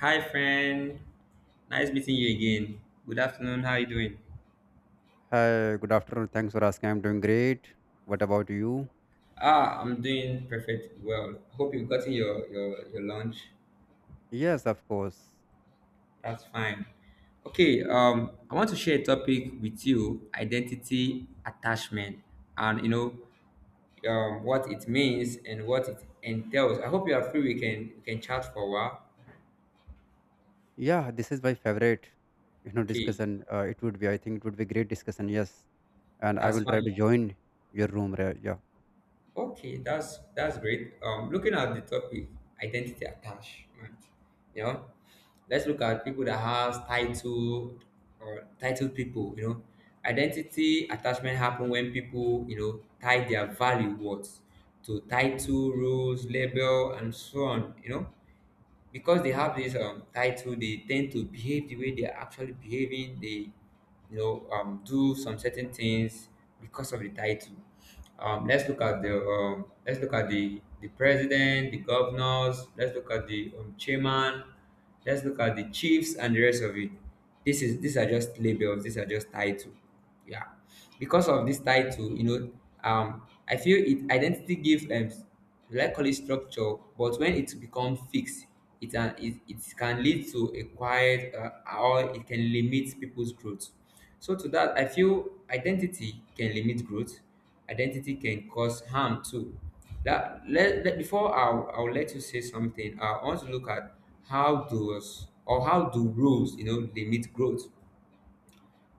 Hi friend, nice meeting you again. Good afternoon. How are you doing? Hi, good afternoon. Thanks for asking. I'm doing great. What about you? Ah, I'm doing perfect. Well, hope you've gotten your lunch. Yes, of course. That's fine. Okay. I want to share a topic with you: identity attachment, and what it means and what it entails. I hope you are free. We can chat for a while. Yeah, this is my favorite, Okay, discussion. It would be, I think it would be great discussion. Yes. And I that's will try fine. to join your room. Right? Yeah. Okay, that's great. Looking at the topic, identity attachment. You know, let's look at people that has title or titled people. You know, identity attachment happen when people tie their value words to title, rules, label, and so on. You know, because they have this title, they tend to behave the way they are actually behaving. They, do some certain things because of the title. Let's look at the let's look at the president, the governors. Let's look at the chairman. Let's look at the chiefs and the rest of it. This is these are just labels. These are just title. Yeah, because of this title, I feel it identity gives glycolyl structure, but when it becomes fixed, it can lead to a quiet or it can limit people's growth. So to that, I feel identity can limit growth. Identity can cause harm too. Before I'll let you say something. I want to look at how does or how do rules limit growth.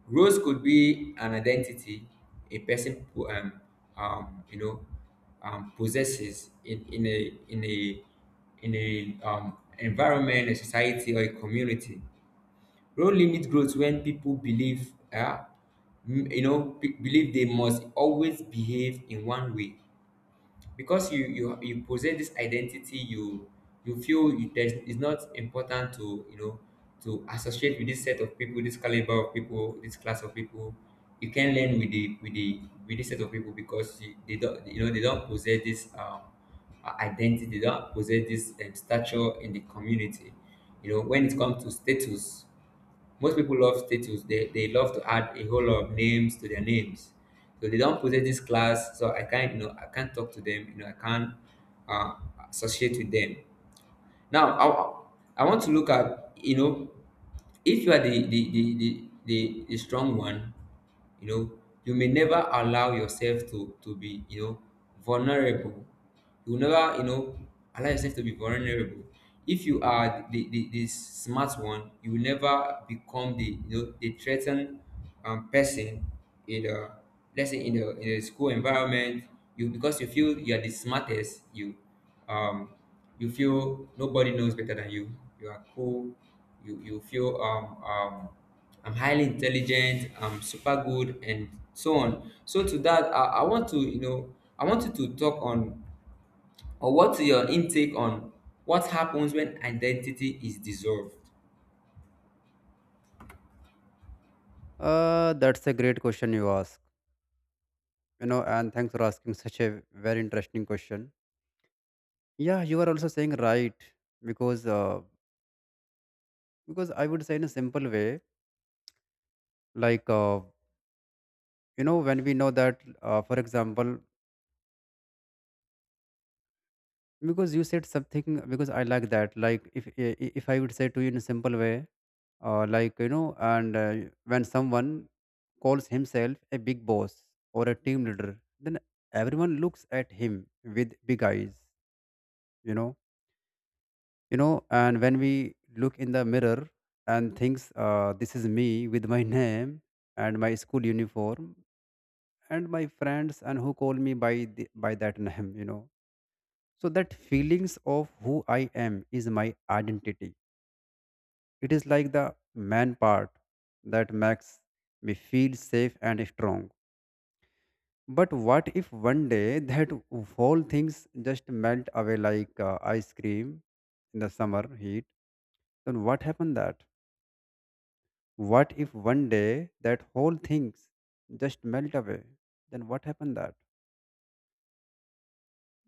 Roles could be an identity a person um, you know possesses in a in a environment, a society, or a community. Role limit growth when people believe believe they must always behave in one way because you possess this identity you you feel it is it's not important to to associate with this set of people, this caliber of people, this class of people. You can learn with the with the with this set of people because you, they don't they don't possess this identity, they don't possess this stature in the community. You know, when it comes to status, most people love status. They love to add a whole lot of names to their names. So they don't possess this class, so I can't I can't talk to them. You know I can't uh, associate with them. Now, I want to look at, you know, if you are the strong one, you know, you may never allow yourself to be, you know, vulnerable. You will never, you know, allow yourself to be vulnerable. If you are the smart one, you will never become the, you know, the threatened person in the, let's say in the school environment, you, because you feel you are the smartest, um, you feel nobody knows better than you. You are cool. You feel I'm highly intelligent, I'm super good, and so on. So to that I want to I want you to talk on or what's your intake on what happens when identity is dissolved. That's a great question you ask, and thanks for asking such a very interesting question. Yeah, you are also saying right because, uh, because I would say in a simple way, like, when we know that, for example, because you said something because I like that, like if I would say to you in a simple way, like and when someone calls himself a big boss or a team leader, then everyone looks at him with big eyes, you know you know, and when we look in the mirror and thinks, this is me with my name and my school uniform and my friends, and who call me by the, by that name, you know. So that feelings of who I am is my identity. It is like the man part that makes me feel safe and strong. But what if one day that whole things just melt away like ice cream in the summer heat? Then what happened that? What if one day that whole things just melt away? Then what happened that?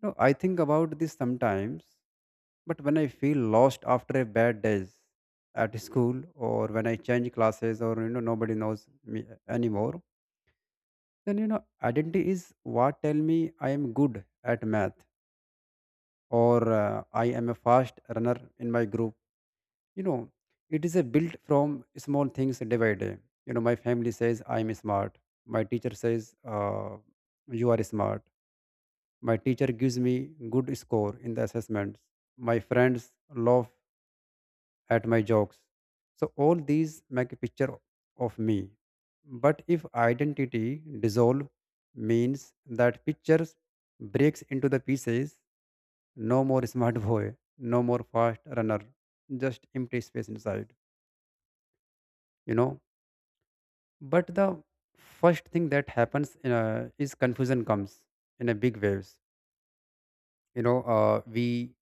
No, I think about this sometimes, but when I feel lost after a bad days at school, or when I change classes, or you know nobody knows me anymore. Then, you know, identity is what tell me I am good at math, or I am a fast runner in my group. You know, it is a built from small things day by day. You know, my family says I am smart. My teacher says, you are smart. My teacher gives me good score in the assessments. My friends laugh at my jokes. So all these make a picture of me. But if identity dissolve means that pictures breaks into the pieces, no more smart boy, no more fast runner, just empty space inside, you know. But the first thing that happens in a, is confusion comes in a big waves. You know, we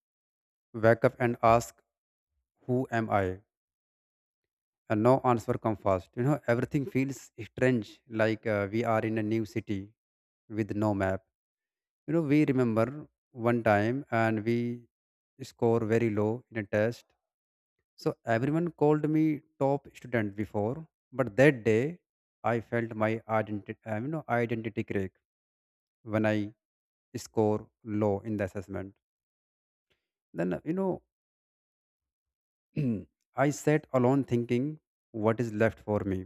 wake up and ask, who am I? And no answer come fast. You know, everything feels strange, like we are in a new city with no map. You know, we remember one time and we score very low in a test. So everyone called me top student before, but that day I felt my identity identity crack when I score low in the assessment. Then, you know, I sat alone thinking what is left for me.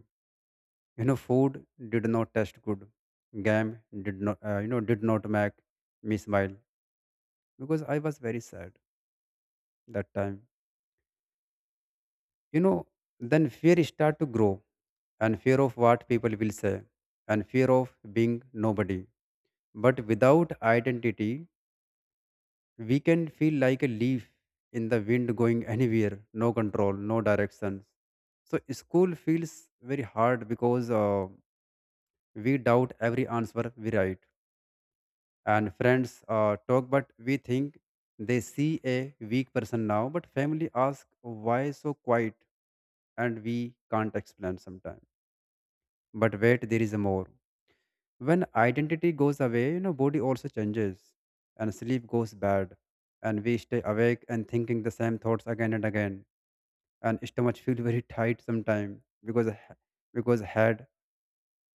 You know, food did not taste good, game did not did not make me smile because I was very sad that time, you know. Then fear start to grow, and fear of what people will say, and fear of being nobody. But without identity we can feel like a leaf in the wind, going anywhere, no control, no directions. So school feels very hard because we doubt every answer we write, and friends talk but we think they see a weak person now, but family ask why so quiet, and we can't explain sometimes. But wait, there is more. When identity goes away, you know, body also changes, and sleep goes bad, and we stay awake and thinking the same thoughts again and again, and stomach feel very tight sometimes because head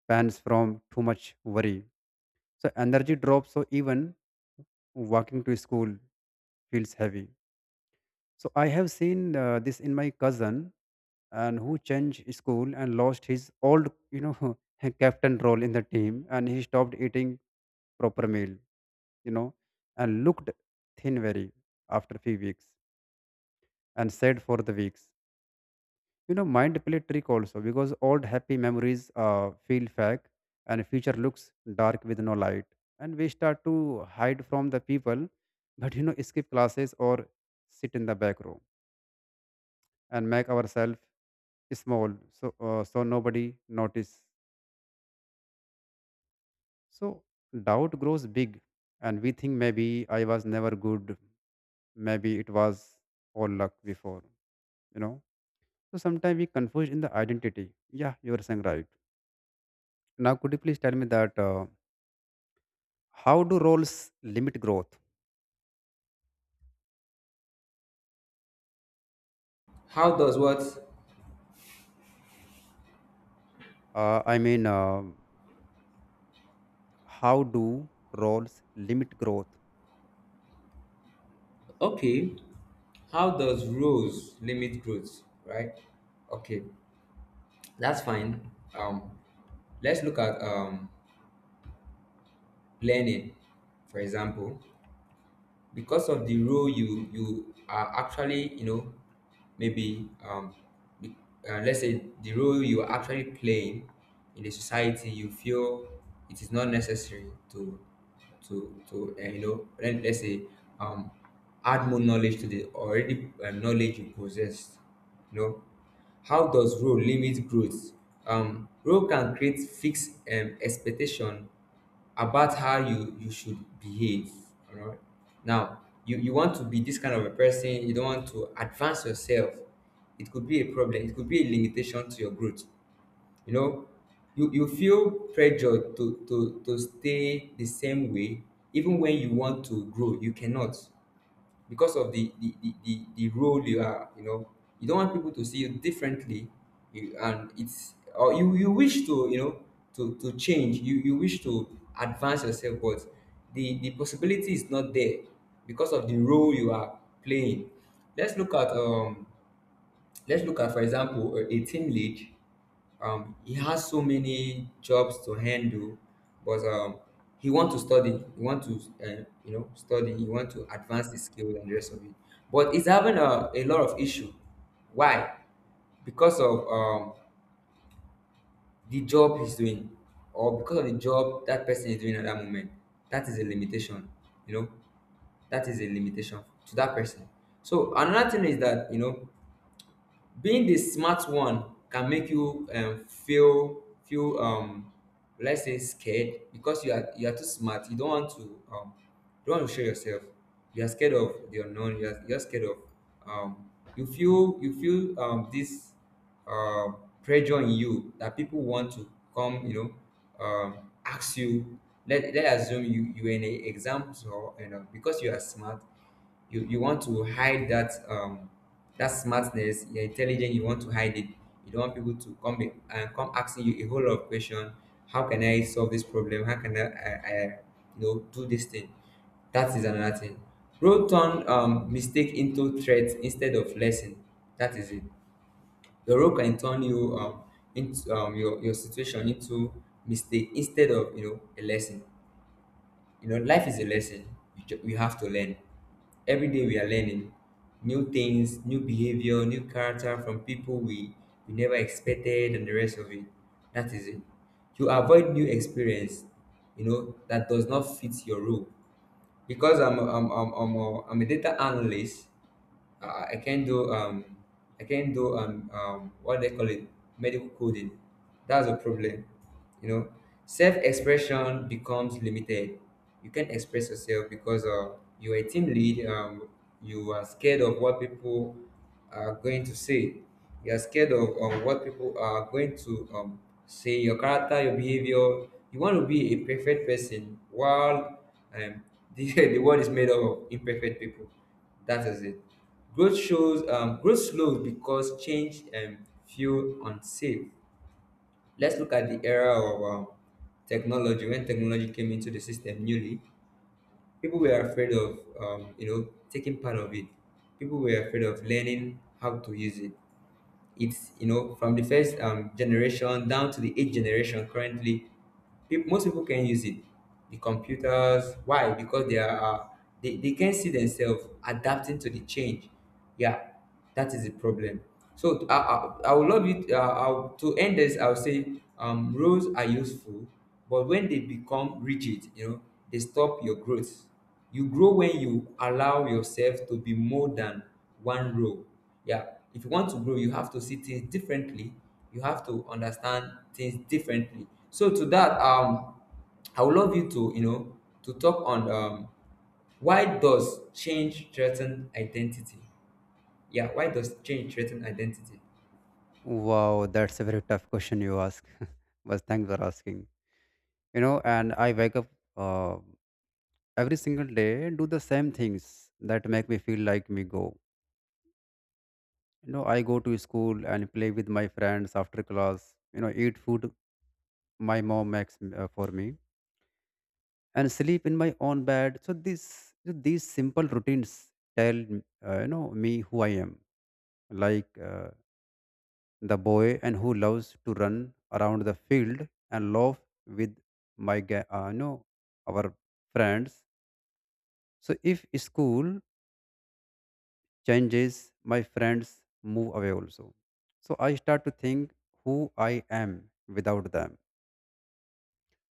pans from too much worry. So energy drops, so even walking to school feels heavy. So I have seen this in my cousin, and who changed school and lost his old, you know, captain role in the team, and he stopped eating proper meal, you know, and looked thin very after few weeks, and sad for the weeks. You know, mind play trick also because old happy memories feel fake, and future looks dark with no light, and we start to hide from the people, but you know, skip classes or sit in the back room and make ourselves small so so nobody notice. So doubt grows big, and we think maybe I was never good, maybe it was all luck before, you know. So sometimes we confuse in the identity. Yeah, you are saying right. Now could you please tell me that, how do roles limit growth? How does what? uh, i mean uh, how do roles limit growth Okay. How does roles limit growth, right? Okay, that's fine. Um let's look at learning, for example. Because of the role you you are actually maybe be- let's say the role you are actually playing in the society, you feel it is not necessary to let, let's say um add more knowledge to the already knowledge you possess. You know, how does role limit growth? Role can create fixed expectation about how you should behave. All right. Now you want to be this kind of a person, you don't want to advance yourself. It could be a problem, it could be a limitation to your growth. You know, you feel pressured to stay the same way. Even when you want to grow you cannot, because of the role you are, you know, you don't want people to see you differently. You, and it's or you wish to you know to change, you wish to advance yourself, but the possibility is not there because of the role you are playing. Let's look at let's look at, for example, a team lead. He has so many jobs to handle, but he want to study. He want to, study. He want to advance the skill and the rest of it. But he's having a lot of issue. Why? Because of the job he's doing, or because of the job that person is doing at that moment. That is a limitation. You know, that is a limitation to that person. So another thing is that you know being the smart one can make you feel feel let's say scared, because you are too smart, you don't want to um you don't want to show yourself. You are scared of the unknown, you're scared of um you feel you feel this uh, pressure in you that people want to come ask you. Let assume you are in a exams, or you know because you are smart, you want to hide that that smartness, your intelligence. You want to hide it. You don't want people to come in- and come asking you a whole lot of question. How can I solve this problem? How can I you know do this thing. That is another thing. Role turn mistake into threat instead of lesson. That is it. Your role can turn you into your situation into mistake instead of you know a lesson. You know, life is a lesson. We have to learn. Every day we are learning new things, new behavior, new character from people we never expected, and the rest of it. That is it. You avoid new experience, you know, that does not fit your role. Because I'm a data analyst, I can do I can do what they call it, medical coding. That's a problem. You know, self expression becomes limited. You can't express yourself because you're a team lead. You are scared of what people are going to say. You are scared of what people are going to say. Your character, your behavior. You want to be a perfect person while um, the world is made up of imperfect people. That is it. Growth slows because change feel unsafe. Let's look at the era of technology. When technology came into the system newly, people were afraid of you know taking part of it. People were afraid of learning how to use it. It's you know from the first generation down to the eighth generation currently, peop most people can use it, the computers. Why? Because they are they can see themselves adapting to the change. Yeah, that is the problem. So I would love you to, to end this I'll say rules are useful, but when they become rigid, you know, they stop your growth. You grow when you allow yourself to be more than one role. Yeah, if you want to grow you have to see things differently. You have to understand things differently. So to that I would love you to you know to talk on why does change threaten identity? Yeah, why does change threaten identity? wow, that's a very tough question you ask, but thanks for asking. You know, and I wake up uh, every single day, do the same things that make me feel like me go. You know, I go to school and play with my friends after class, you know, eat food my mom makes for me, and sleep in my own bed. So these simple routines tell me who I am. Like the boy and who loves to run around the field and laugh with my ga- you know our friends. So if school changes, my friends move away also. So I start to think who I am without them.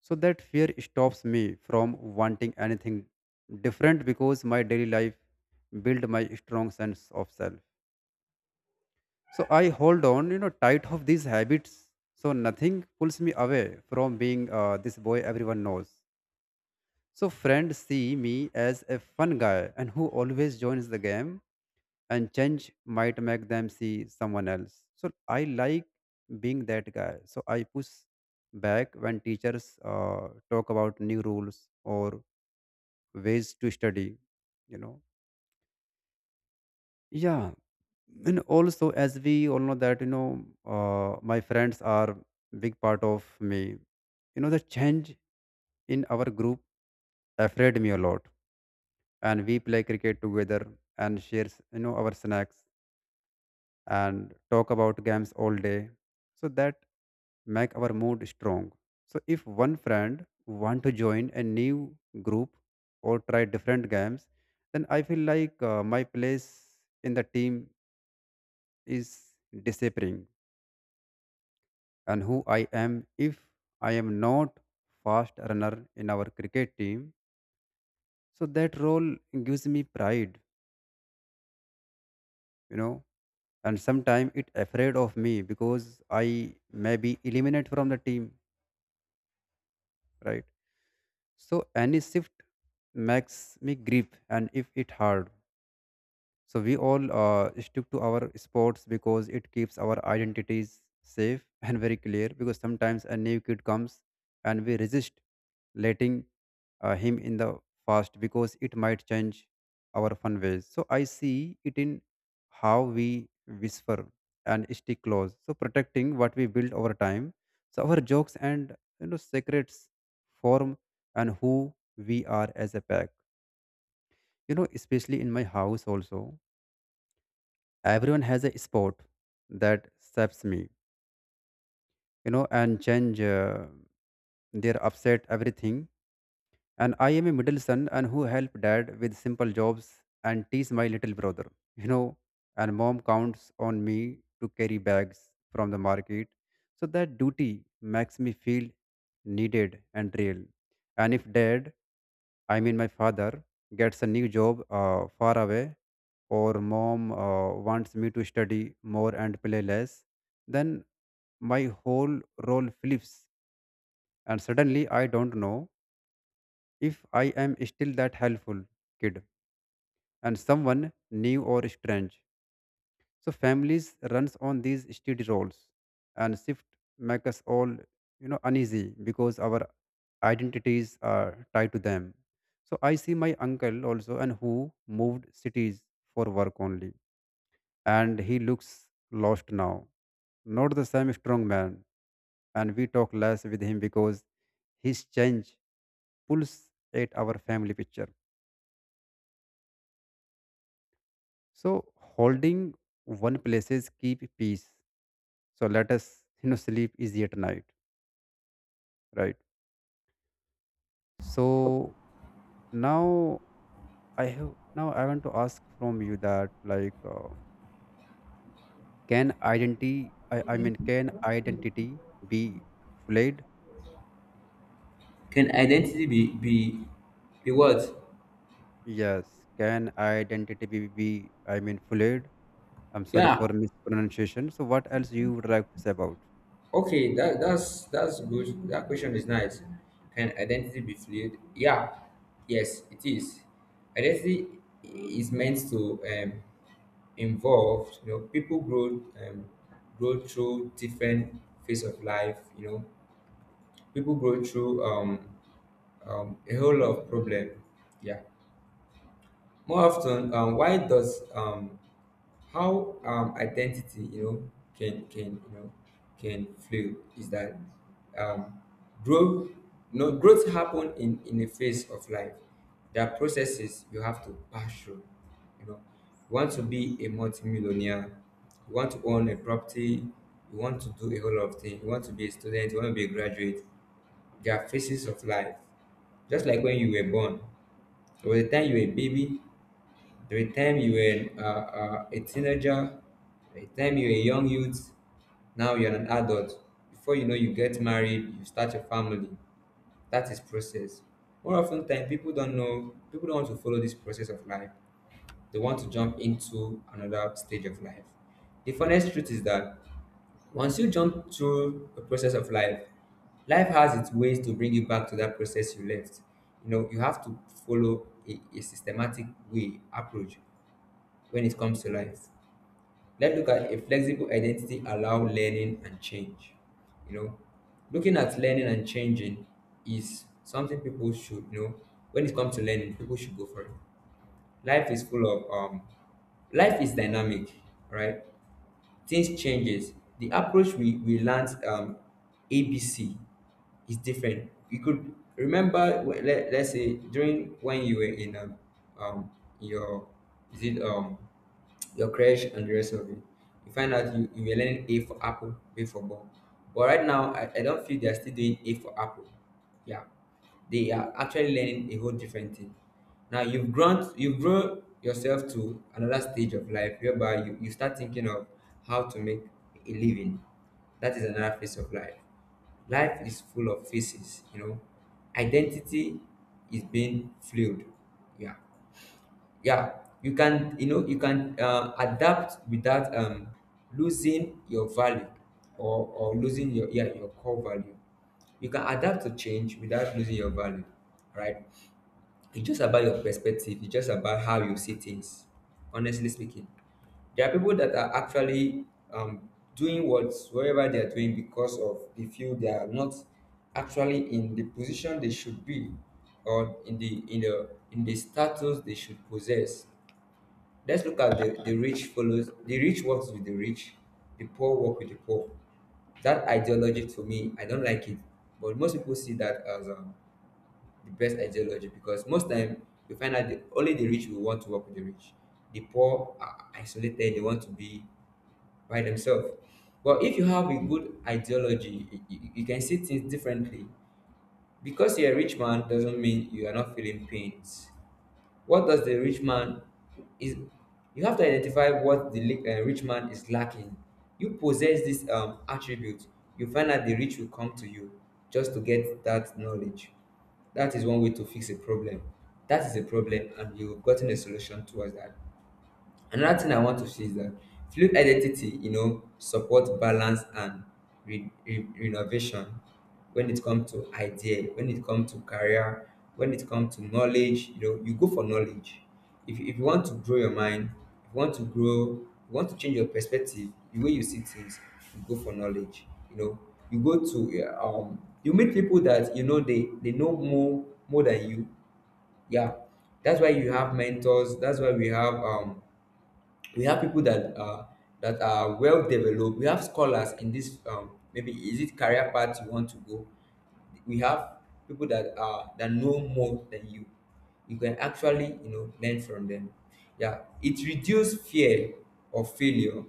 So that fear stops me from wanting anything different because my daily life build my strong sense of self. So I hold on, you know, tight of these habits, so nothing pulls me away from being this boy everyone knows. So friends see me as a fun guy and who always joins the game, and change might make them see someone else. So I like being that guy. So I push back when teachers talk about new rules or ways to study. You know, yeah. And also, as we all know that, you know, my friends are big part of me. You know, the change in our group afraid me a lot, and we play cricket together and share, you know, our snacks, and talk about games all day. So that make our mood strong. So if one friend want to join a new group or try different games, then I feel like my place in the team is disappearing, and who I am if I am not fast runner in our cricket team. So that role gives me pride, you know, and sometimes it afraid of me because I may be eliminated from the team, right? So any shift makes me grip, and if it hard, so we all stick to our sports because it keeps our identities safe and very clear. Because sometimes a new kid comes and we resist letting him in the past because it might change our fun ways. So I see it in how we whisper and stick close, so protecting what we build over time. So our jokes and, you know, secrets form and who we are as a pack. You know, especially in my house also, everyone has a spot that saps me. You know, and change their upset everything. And I am a middle son and who help dad with simple jobs and tease my little brother. You know, and mom counts on me to carry bags from the market. So that duty makes me feel needed and real. And if dad, I mean my father, gets a new job far away, or mom wants me to study more and play less, then my whole role flips and suddenly I don't know if I am still that helpful kid and someone new or strange. So families runs on these steady roles, and shift make us all, you know, uneasy because our identities are tied to them. So I see my uncle also and who moved cities for work only, and he looks lost now. Not the same strong man, and we talk less with him because his change pulls at our family picture. So holding one places keep peace. So let us, you know, sleep easy at night, right? So now I have now I want to ask from you that, like, can identity can identity be flayed? Can identity be what? Yes, can identity be, I mean, flayed? I'm sorry for Yeah, mispronunciation. So what else you would like to say about? okay, that's good. That question is nice. Can identity be fluid? Yeah, yes it is. Identity is meant to involved. You know, people grow grow through different phase of life. You know, people grow through a whole lot of problem. Yeah. More often, why does how identity you know can you know can fluid is that um growth, no growth happen in a phase of life. There are processes you have to pass through. You know, you want to be a multimillionaire, you want to own a property, you want to do a whole lot of things, you want to be a student, you want to be a graduate. There are phases of life. Just like when you were born, there was a time you were a baby, there were time you were a teenager, there were time you were a young youth, now you're an adult. Before you know, you get married, you start your family. That is process. More often time, people don't know, people don't want to follow this process of life. They want to jump into another stage of life. The honest truth is that once you jump through a process of life, life has its ways to bring you back to that process you left. You know, you have to follow a systematic way approach when it comes to life. Let's look at a flexible identity allow learning and change. You know, looking at learning and changing is something people should. When it comes to learning, people should go for it. Life is full of life is dynamic, right? Things changes. The approach we learnt abc is different. You could remember, let's say, during when you were in um, your, is it your crash and the rest of it. You find out you were learning A for apple, B for ball. But right now, I don't feel they're still doing A for apple. Yeah, they are actually learning a whole different thing. Now you've grown yourself to another stage of life whereby you start thinking of how to make a living. That is another phase of life. Life is full of faces, you know. Identity is being fluid. Yeah. Yeah. You can, you know, you can adapt without losing your value, or losing your yeah, your core value. You can adapt to change without losing your value, right? It's just about your perspective. It's just about how you see things. Honestly speaking, there are people that are actually um, doing whatever they are doing because of they feel they are not actually in the position they should be, or in the status they should possess. Let's look at the rich. Follows the rich works with the rich, the poor work with the poor. That ideology to me, I don't like it. But most people see that as the best ideology because most time you find out only the rich will want to work with the rich. The poor are isolated; they want to be by themselves. But if you have a good ideology, you can see things differently. Because you're a rich man doesn't mean you are not feeling pains. What does the rich man is? You have to identify what the rich man is lacking. You possess this attribute. You find that the rich will come to you just to get that knowledge. That is one way to fix a problem. That is a problem, and you've gotten a solution towards that. Another thing I want to say is that fluid identity, you know, support balance and renovation when it comes to idea, when it comes to career, when it comes to knowledge. You know, you go for knowledge. If you want to grow your mind, if you want to grow, you want to change your perspective, the way you see things, you go for knowledge, you know. You go to yeah, you meet people that you know they know more than you. Yeah, that's why you have mentors. That's why we have people that that are well developed. We have scholars in this. Maybe is it career path you want to go? We have people that are that know more than you. You can actually, you know, learn from them. Yeah, it reduces fear of failure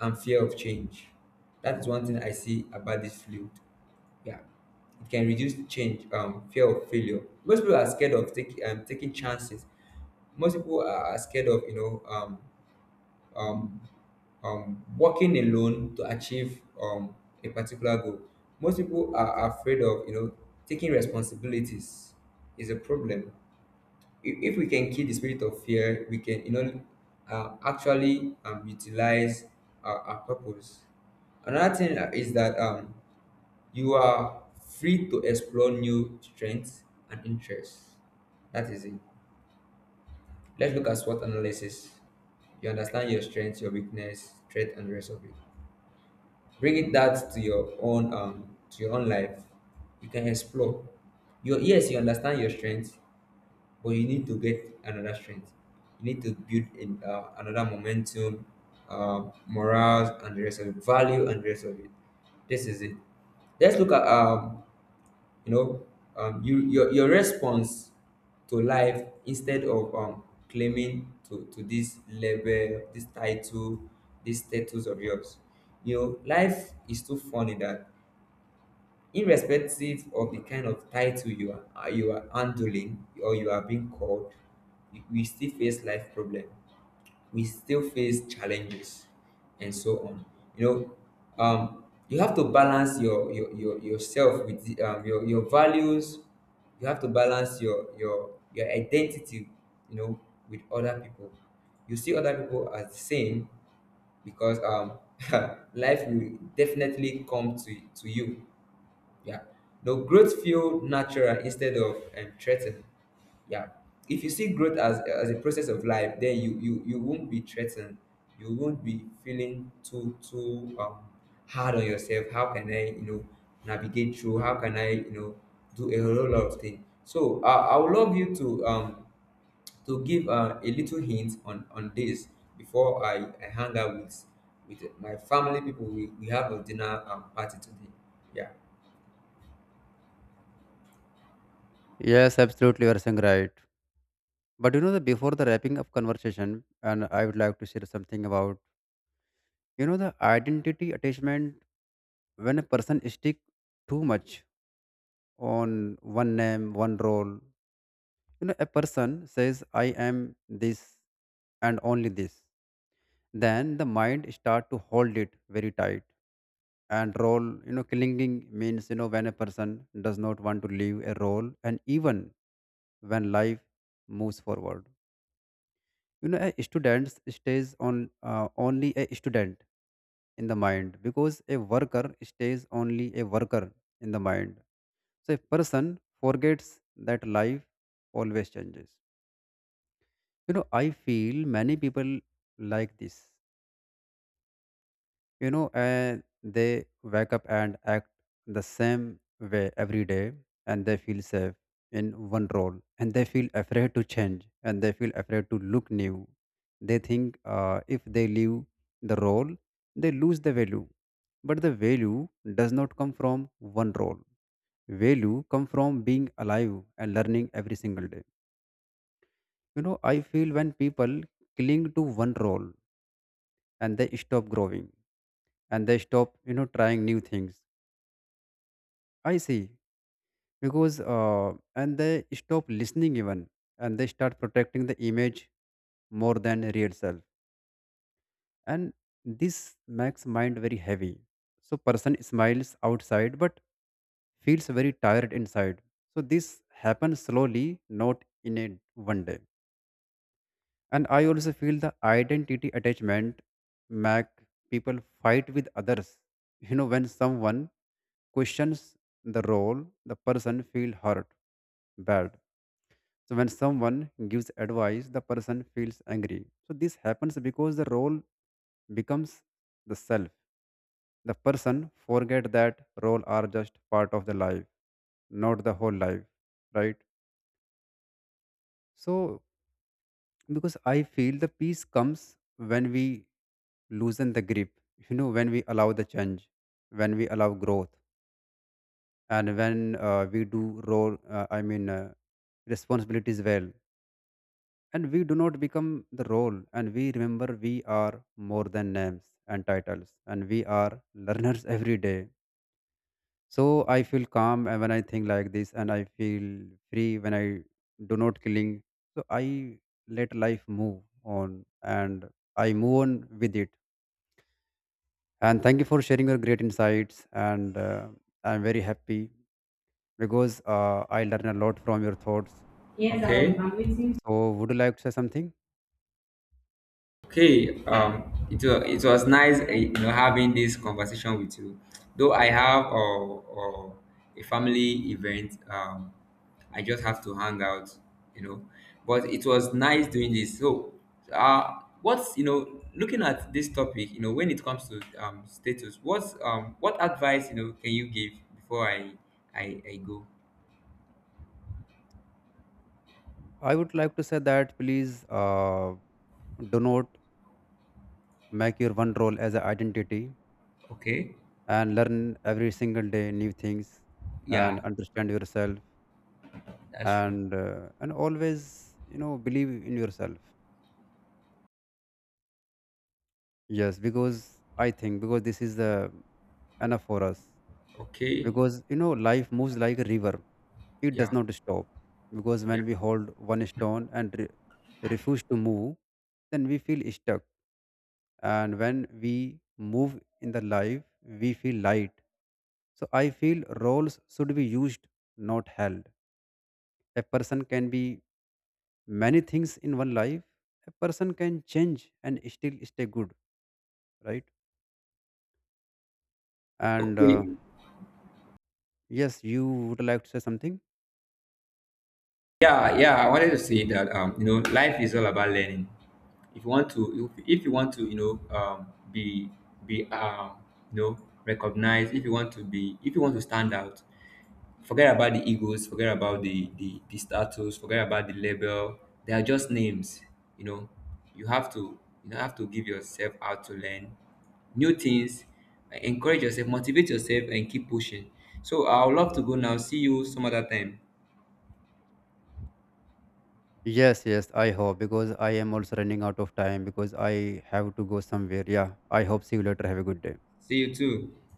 and fear of change. That's one thing I see about this field. Yeah, it can reduce change, fear of failure. Most people are scared of taking taking chances. Most people are scared of, you know, um, working alone to achieve a particular goal. Most people are afraid of, you know, taking responsibilities is a problem. If we can kill the spirit of fear, we can, you know, actually utilize our purpose. Another thing is that you are free to explore new strengths and interests. That is it. Let's look at SWOT analysis. You understand your strengths, your weakness, threat, and the rest of it. Bringing that to your own life, you can explore your. Yes, you understand your strength, but you need to get another strength. You need to build in another momentum, morale and the rest of it, value and the rest of it. This is it. Let's look at you know you your response to life instead of claiming to this label, this title, this status of yours. You know, life is too funny that irrespective of the kind of title you are handling or you are being called, we still face life problem. We still face challenges and so on. You know, you have to balance your yourself with the, your values. You have to balance your identity, you know, with other people. You see other people as the same, because life will definitely come to you. Yeah. No, growth feel natural instead of threatened. Yeah. If you see growth as a process of life, then you won't be threatened. You won't be feeling too too hard on yourself. How can I, you know, navigate through? How can I, you know, do a whole lot of things? So I would love you to give a little hint on this before I hang out with my family people. We have a dinner party today. Yeah. Yes, absolutely, you are saying right. But you know, the, before the wrapping up conversation, and I would like to share something about, you know, the identity attachment. When a person stick too much on one name, one role, you know, a person says, I am this and only this, then the mind start to hold it very tight. And role, you know, clinging means, you know, when a person does not want to leave a role, and even when life moves forward, you know, a student stays on, only a student in the mind, because a worker stays only a worker in the mind. So a person forgets that life always changes. You know, I feel many people like this, you know, and they wake up and act the same way every day, and they feel safe in one role, and they feel afraid to change, and they feel afraid to look new. They think, if they leave the role, they lose the value. But the value does not come from one role. Value come from being alive and learning every single day. You know, I feel when people cling to one role, and they stop growing, and they stop, you know, trying new things, I see, because and they stop listening even, and they start protecting the image more than real self, and this makes mind very heavy. So person smiles outside but feels very tired inside. So this happens slowly, not in a one day. And I also feel the identity attachment make people fight with others. You know, when someone questions the role, the person feel hurt bad. So when someone gives advice, the person feels angry. So this happens because the role becomes the self. The person forget that role are just part of the life, not the whole life, right? So because I feel the peace comes when we loosen the grip, you know, when we allow the change, when we allow growth, and when we do role responsibilities well, and we do not become the role, and we remember we are more than names and titles, and we are learners every day. So I feel calm when I think like this, and I feel free when I do not killing. So I let life move on, and I move on with it. And thank you for sharing your great insights and I'm very happy because I learn a lot from your thoughts. Okay. I'm waiting. So would you like to say something? Okay, it was nice, eh, you know, having this conversation with you. Though I have a family event, I just have to hang out, you know. But it was nice doing this. So, what's, you know, looking at this topic, you know, when it comes to status, what's what advice, you know, can you give before I go? I would like to say that, please, uh, do not make your one role as an identity, Okay, and learn every single day new things, and yeah, understand yourself, that's true. And always, you know, believe in yourself. Yes, because I think because this is the enough for us, Okay, because, you know, life moves like a river, it does yeah, not stop. Because yeah. when we hold one stone and refuse to move, then we feel stuck. And when we move in the life, we feel light. So I feel roles should be used, not held. A person can be many things in one life. A person can change and still stay good, right? And Okay, yes, you would like to say something? yeah, yeah. I wanted to say that you know, life is all about learning. If you want to, if you want to, you know, be be um, you know, recognized. If you want to be, if you want to stand out, forget about the egos, forget about the status, forget about the label. They are just names. You know, you have to, you know, have to give yourself out to learn new things. Encourage yourself, motivate yourself, and keep pushing. So I would love to go now. See you some other time. Yes, yes, I hope, because I am also running out of time, because I have to go somewhere. Yeah, I hope see you later. Have a good day. See you too.